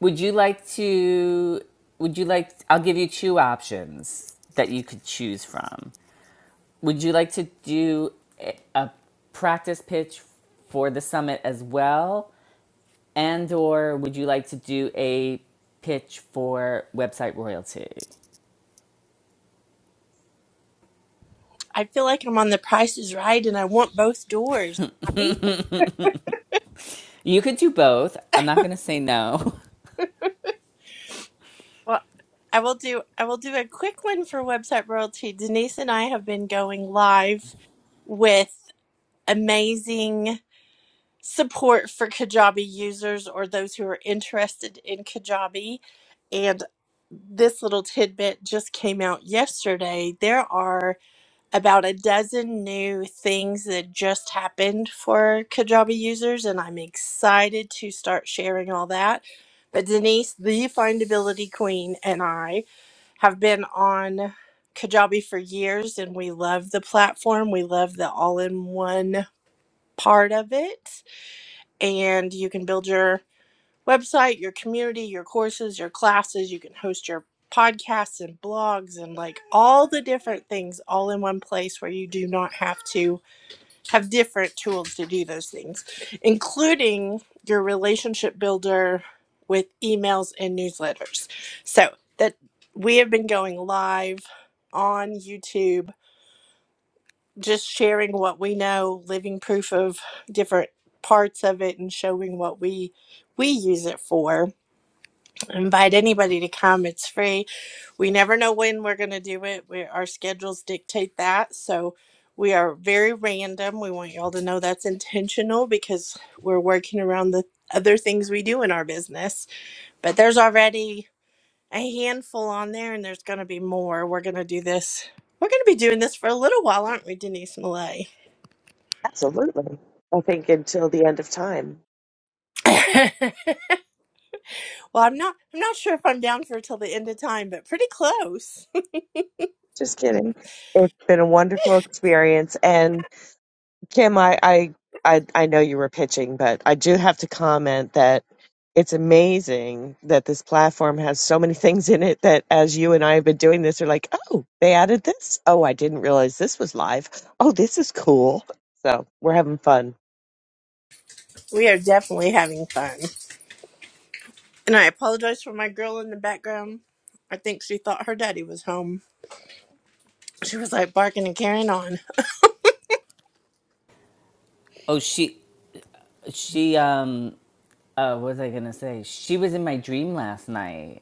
Speaker 1: Would you like to? Would you like? I'll give you two options that you could choose from. Would you like to do a a practice pitch for the summit as well, and or would you like to do a pitch for website royalty?
Speaker 4: I feel like I'm on the Price is Right, and I want both doors. Right?
Speaker 1: You could do both. I'm not gonna say no.
Speaker 4: Well, I will do. I will do a quick one for website royalty. Denise and I have been going live with amazing. support for Kajabi users or those who are interested in Kajabi. And this little tidbit just came out yesterday. There are about a dozen new things that just happened for Kajabi users, and I'm excited to start sharing all that. But Denise, the findability queen, and I have been on Kajabi for years, and we love the platform. We love the all in one part of it and you can build your website, your community, your courses, your classes. You can host your podcasts and blogs and like all the different things all in one place where you do not have to have different tools to do those things, including your relationship builder with emails and newsletters. So that we have been going live on YouTube just sharing what we know, living proof of different parts of it and showing what we we use it for. I Invite anybody to come. It's free. We never know when we're going to do it. We, our schedules dictate that. So we are very random. We want y'all to know that's intentional because we're working around the other things we do in our business. But there's already a handful on there and there's going to be more. We're going to do this. We're going to be doing this for a little while, aren't we, Denise Malay?
Speaker 2: absolutely. I think until the end of time.
Speaker 4: well, I'm not. I'm not sure if I'm down for till the end of time, but pretty close.
Speaker 2: Just kidding. It's been a wonderful experience. And Kim, I, I, I, I know you were pitching, but I do have to comment that it's amazing that this platform has so many things in it that as you and I have been doing this, are like, oh, they added this. Oh, I didn't realize this was live. Oh, this is cool. So we're having fun.
Speaker 4: We are definitely having fun. And I apologize for my girl in the background. I think she thought her daddy was home. She was like barking and carrying on.
Speaker 1: Oh, she, she, um, uh, what was I gonna say? She was in my dream last night.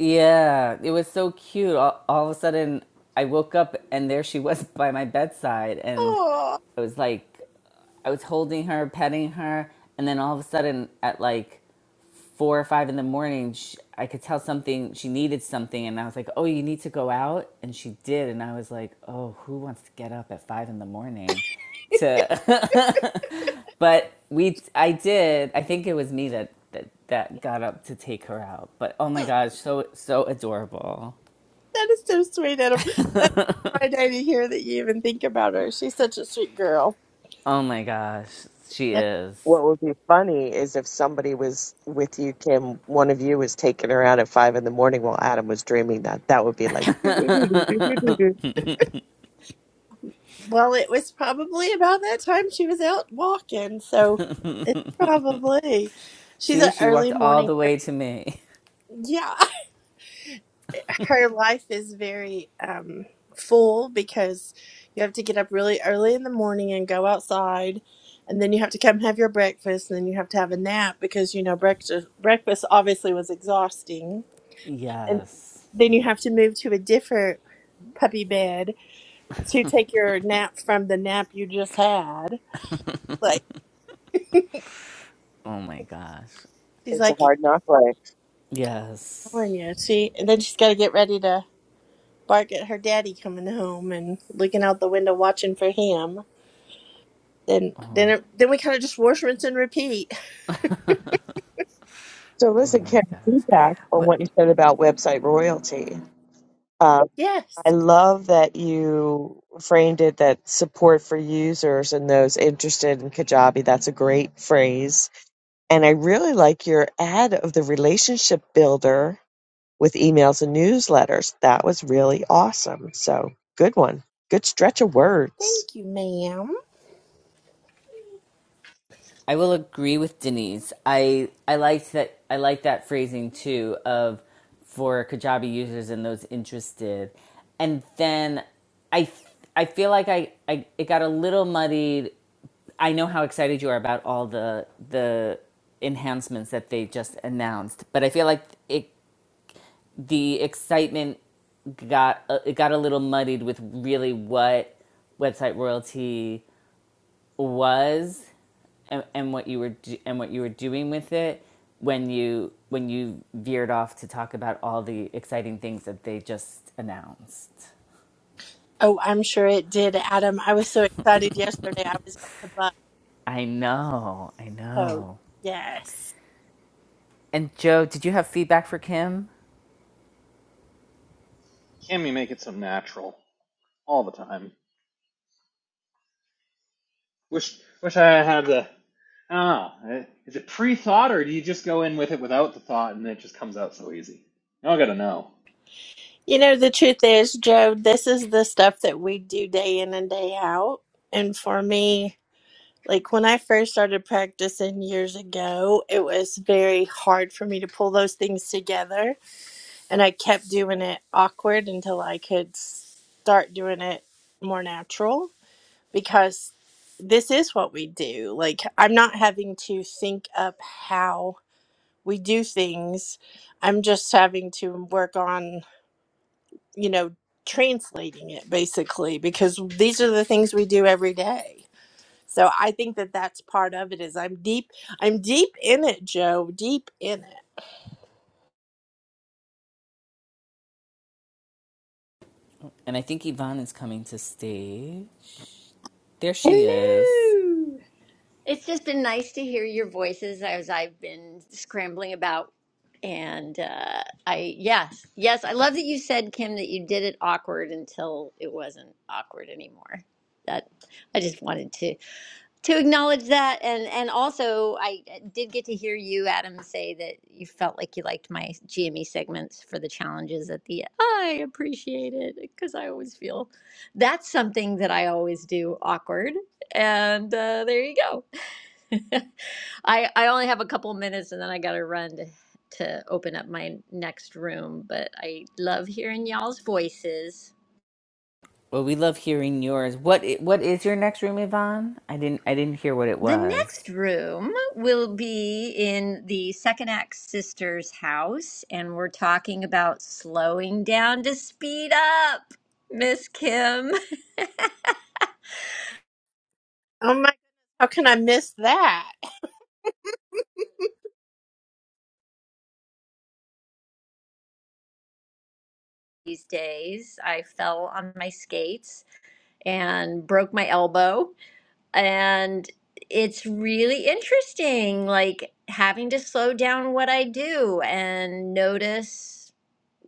Speaker 1: Yeah, it was so cute. All, all of a sudden, I woke up and there she was by my bedside, and
Speaker 4: Oh,
Speaker 1: I was like I was holding her, petting her, and then all of a sudden, at like four or five in the morning, sh I could tell something she needed something, and I was like, "Oh, you need to go out," and she did, and I was like, "Oh, who wants to get up at five in the morning to?" But we, I did. I think it was me that that that got up to take her out. But oh my
Speaker 4: that
Speaker 1: gosh, so so adorable.
Speaker 4: is so sweet, Adam. That's my day to hear that you even think about her. She's such a sweet girl.
Speaker 1: Oh my gosh, she
Speaker 4: That,
Speaker 1: is.
Speaker 2: What would be funny is if somebody was with you, Kim, one of you was taking her out at five in the morning while Adam was dreaming that. That would be like,
Speaker 4: well, it was probably about that time she was out walking, so it's probably she's
Speaker 1: See,
Speaker 4: an
Speaker 1: she
Speaker 4: early
Speaker 1: walked all
Speaker 4: morning.
Speaker 1: the
Speaker 4: Girl.
Speaker 1: way to me.
Speaker 4: Yeah, her life is very um, full because you have to get up really early in the morning and go outside, and then you have to come have your breakfast, and then you have to have a nap because you know breakfast breakfast obviously was exhausting, and
Speaker 1: Yes.
Speaker 4: then you have to move to a different puppy bed to take your nap from the nap you just had. Like
Speaker 1: Oh my gosh.
Speaker 4: she's
Speaker 2: It's a
Speaker 4: like
Speaker 2: hard knock life.
Speaker 1: Yes.
Speaker 4: ignoring you. She and then she's got to get ready to bark at her daddy coming home and looking out the window watching for him then
Speaker 1: Oh
Speaker 4: then
Speaker 1: my,
Speaker 4: it, then we kind of just wash rinse and repeat
Speaker 2: So
Speaker 1: oh
Speaker 2: listen,
Speaker 1: my
Speaker 2: Karen,
Speaker 1: gosh.
Speaker 2: feedback on
Speaker 1: But
Speaker 2: what you said about website royalty. Um, I
Speaker 4: yes
Speaker 2: love that you framed it that support for users and those interested in Kajabi. That's a great phrase. And I really like your ad of the relationship builder with emails and newsletters. That was really awesome. So good one. Good stretch of words.
Speaker 4: thank you ma'am
Speaker 1: I will agree with Denise. I I liked that I like that phrasing too of for Kajabi users and those interested. And then I I feel like I, I it got a little muddied. I know how excited you are about all the the enhancements that they just announced, but I feel like it the excitement got uh, it got a little muddied with really what website royalty was and, and what you were do- and what you were doing with it when you when you veered off to talk about all the exciting things that they just announced.
Speaker 4: oh i'm sure it did adam i was so excited yesterday i was about to bust
Speaker 1: I know, I
Speaker 4: so
Speaker 1: know.
Speaker 4: yes
Speaker 1: And Joe, did you have feedback for Kim?
Speaker 3: Can we make it so natural all the time? Wish wish I had the. I don't know. Is it pre-thought or do you just go in with it without the thought and it just comes out so easy? Y'all gotta know.
Speaker 4: you know the truth is joe this is the stuff that we do day in and day out and for me like when i first started practicing years ago it was very hard for me to pull those things together and i kept doing it awkward until i could start doing it more natural because this is what we do. Like, I'm not having to think up how we do things. I'm just having to work on, you know, translating it basically because these are the things we do every day. So I think that that's part of it is I'm deep I'm deep in it, Joe, deep in it.
Speaker 1: And I think Yvonne is coming to stage. There she is.
Speaker 5: Hello. It's just been nice to hear your voices as I've been scrambling about. And uh, I, yes, yes, I love that you said, Kim, that you did it awkward until it wasn't awkward anymore. That I just wanted to to acknowledge that and and also i did get to hear you adam say that you felt like you liked my gme segments for the challenges at the end. i appreciate it because i always feel that's something that i always do awkward and uh, there you go i i only have a couple minutes and then i gotta run to to open up my next room but i love hearing y'all's voices
Speaker 1: Well, we love hearing yours. What i- what is your next room, Yvonne? I didn't I didn't hear what it
Speaker 5: The
Speaker 1: was.
Speaker 5: next room will be in the second act sister's house, and we're talking about slowing down to speed up. Miss Kim,
Speaker 4: Oh my! How can I miss that? I,
Speaker 5: these days I fell on my skates and broke my elbow, and it's really interesting, like having to slow down what I do and notice.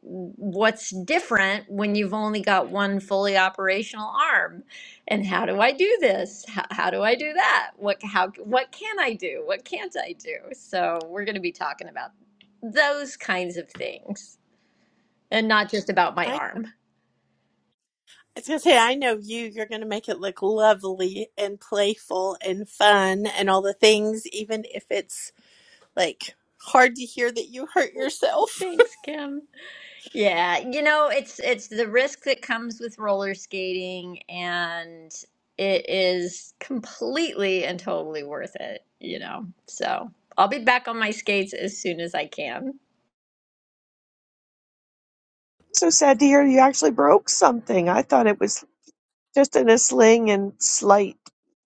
Speaker 5: what's different when you've only got one fully operational arm and how do i do this how, how do i do that what how what can i do what can't i do so we're going to be talking about those kinds of things and not just about my
Speaker 4: I
Speaker 5: arm
Speaker 4: was gonna say I know you. You're gonna make it look lovely and playful and fun and all the things, even if it's like hard to hear that you hurt yourself.
Speaker 5: thanks kim Yeah, you know, it's it's the risk that comes with roller skating and it is completely and totally worth it, you know. So, I'll be back on my skates as soon as I can.
Speaker 2: So sad to hear you actually broke something. I thought it was just in a sling and slight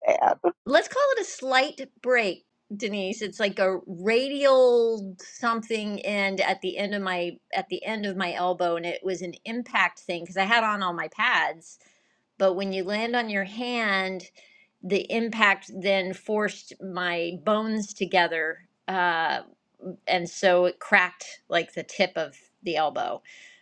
Speaker 2: stab.
Speaker 5: Let's call it a slight break, Denise. It's like a radial something end at the end of my at the end of my elbow and it was an impact thing because I had on all my pads But when you land on your hand, the impact then forced my bones together. Uh, and so it cracked like the tip of the elbow.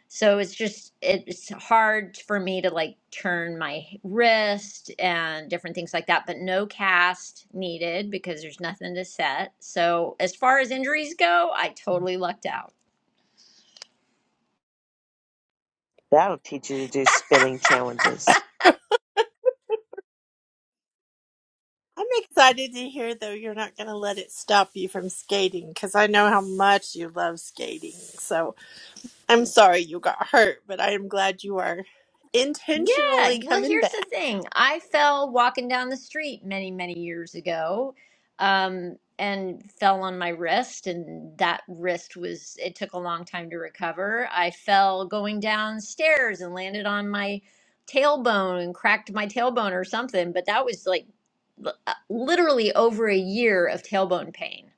Speaker 5: So it's just, it's hard for me to like turn my wrist and different things like that, but no cast needed because there's nothing to set. So as far as injuries go, I totally lucked out.
Speaker 2: That'll teach you to do spinning challenges.
Speaker 4: I'm excited to hear though you're not gonna let it stop you from skating because I know how much you love skating. So I'm sorry you got hurt, but I am glad you are
Speaker 5: Yeah,
Speaker 4: intentionally
Speaker 5: well,
Speaker 4: coming
Speaker 5: here's the
Speaker 4: back.
Speaker 5: thing. I fell walking down the street many, many years ago, um, and fell on my wrist, and that wrist was, it took a long time to recover. I fell going downstairs and landed on my tailbone and cracked my tailbone or something, but that was like l- uh, literally over a year of tailbone pain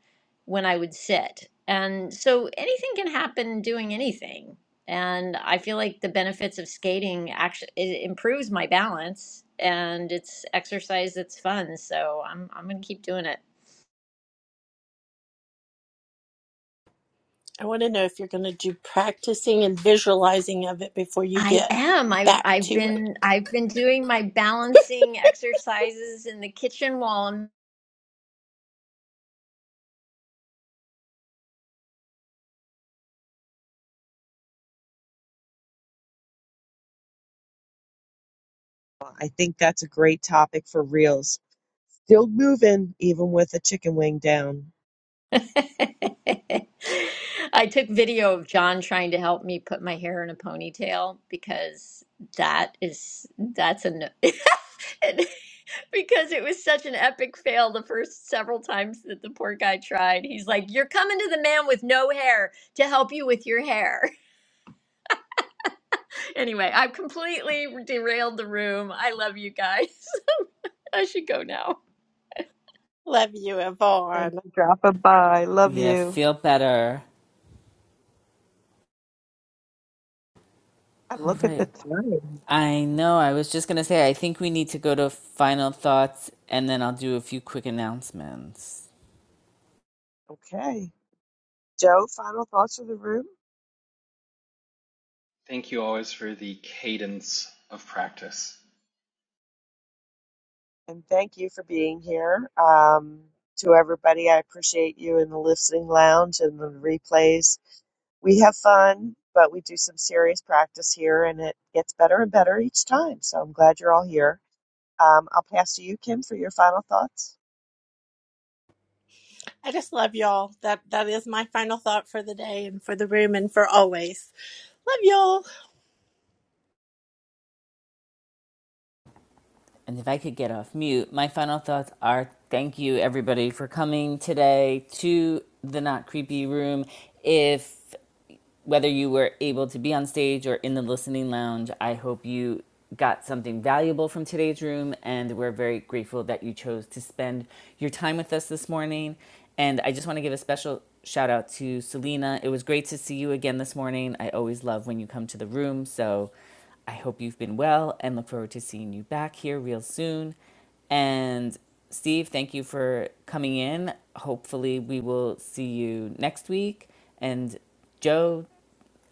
Speaker 5: when I would sit. And so anything can happen doing anything and I feel like the benefits of skating actually it improves my balance and it's exercise that's fun. So I'm I'm gonna keep doing it.
Speaker 4: I want to know if you're going to do practicing and visualizing of it before you
Speaker 5: I
Speaker 4: get
Speaker 5: am. I
Speaker 4: back
Speaker 5: I've
Speaker 4: to it.
Speaker 5: been I've been doing my balancing exercises in the kitchen wall
Speaker 2: Well, I think that's a great topic for reels. Still moving, even with a chicken wing down.
Speaker 5: I took video of John trying to help me put my hair in a ponytail because that is that's a no- and- because it was such an epic fail the first several times that the poor guy tried. He's like, "You're coming to the man with no hair to help you with your hair." Anyway, I've completely derailed the room. I love you guys. I should go now.
Speaker 4: Love you,
Speaker 2: Thanks
Speaker 4: Yvonne.
Speaker 2: for dropping by. Love
Speaker 1: Yeah,
Speaker 2: you.
Speaker 1: feel better.
Speaker 2: And
Speaker 1: All
Speaker 2: Look at the
Speaker 1: right.
Speaker 2: time.
Speaker 1: I know. I was just gonna say, I think we need to go to final thoughts and then I'll do a few quick announcements.
Speaker 2: Okay. Joe, final thoughts for the room?
Speaker 3: Thank you always for the cadence of practice.
Speaker 2: and thank you for being here. Um, to everybody, I appreciate you in the listening lounge and the replays. We have fun, but we do some serious practice here, and it gets better and better each time. So I'm glad you're all here. Um, I'll pass to you, Kim, for your final thoughts.
Speaker 4: I just love y'all. That that is my final thought for the day and for the room and for always. Love y'all.
Speaker 1: And if I could get off mute, my final thoughts are thank you everybody for coming today to the Not Creepy Room. If whether you were able to be on stage or in the listening lounge, I hope you got something valuable from today's room. And we're very grateful that you chose to spend your time with us this morning. And I just want to give a special shout out to Selena. It was great to see you again this morning. I always love when you come to the room. So I hope you've been well and look forward to seeing you back here real soon. And Steve, thank you for coming in. Hopefully, we will see you next week. And Joe,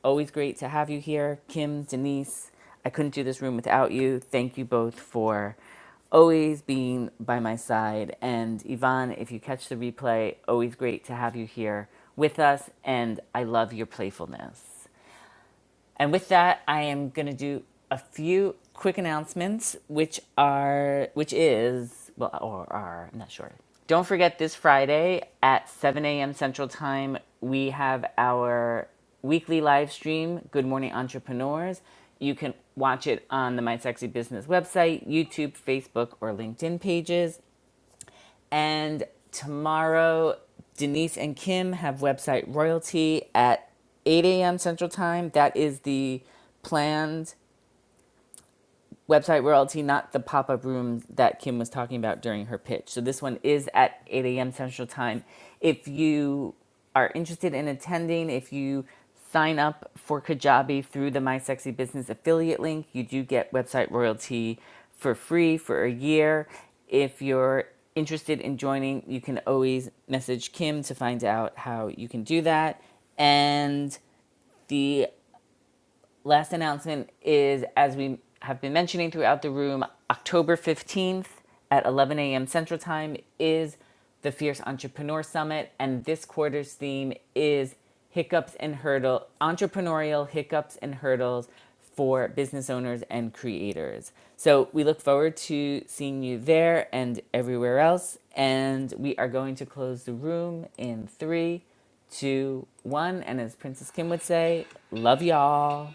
Speaker 1: Always great to have you here, Kim, Denise. I couldn't do this room without you. Thank you both for always being by my side. And Yvonne, if you catch the replay, always great to have you here with us. And I love your playfulness. And with that, I am going to do a few quick announcements, which are, which is, well, or are, I'm not sure. Don't forget this Friday at 7 a.m. Central Time, we have our weekly live stream, Good Morning Entrepreneurs. You can watch it on the My Sexy Business website, YouTube, Facebook, or LinkedIn pages. And tomorrow, Denise and Kim have website royalty at 8 a.m. Central Time. That is the planned Website royalty, not the pop up room that Kim was talking about during her pitch. So this one is at 8 a.m. Central Time. If you are interested in attending, if you sign up for Kajabi through the My Sexy Business affiliate link, you do get website royalty for free for a year. If you're interested in joining, you can always message Kim to find out how you can do that. And the last announcement is as we have been mentioning throughout the room, October 15th at 11 a.m. Central Time is the Fierce Entrepreneur Summit, and this quarter's theme is hiccups and hurdle entrepreneurial hiccups and hurdles for business owners and creators. So we look forward to seeing you there and everywhere else. And we are going to close the room in three, two, one. And as Princess Kim would say, love y'all.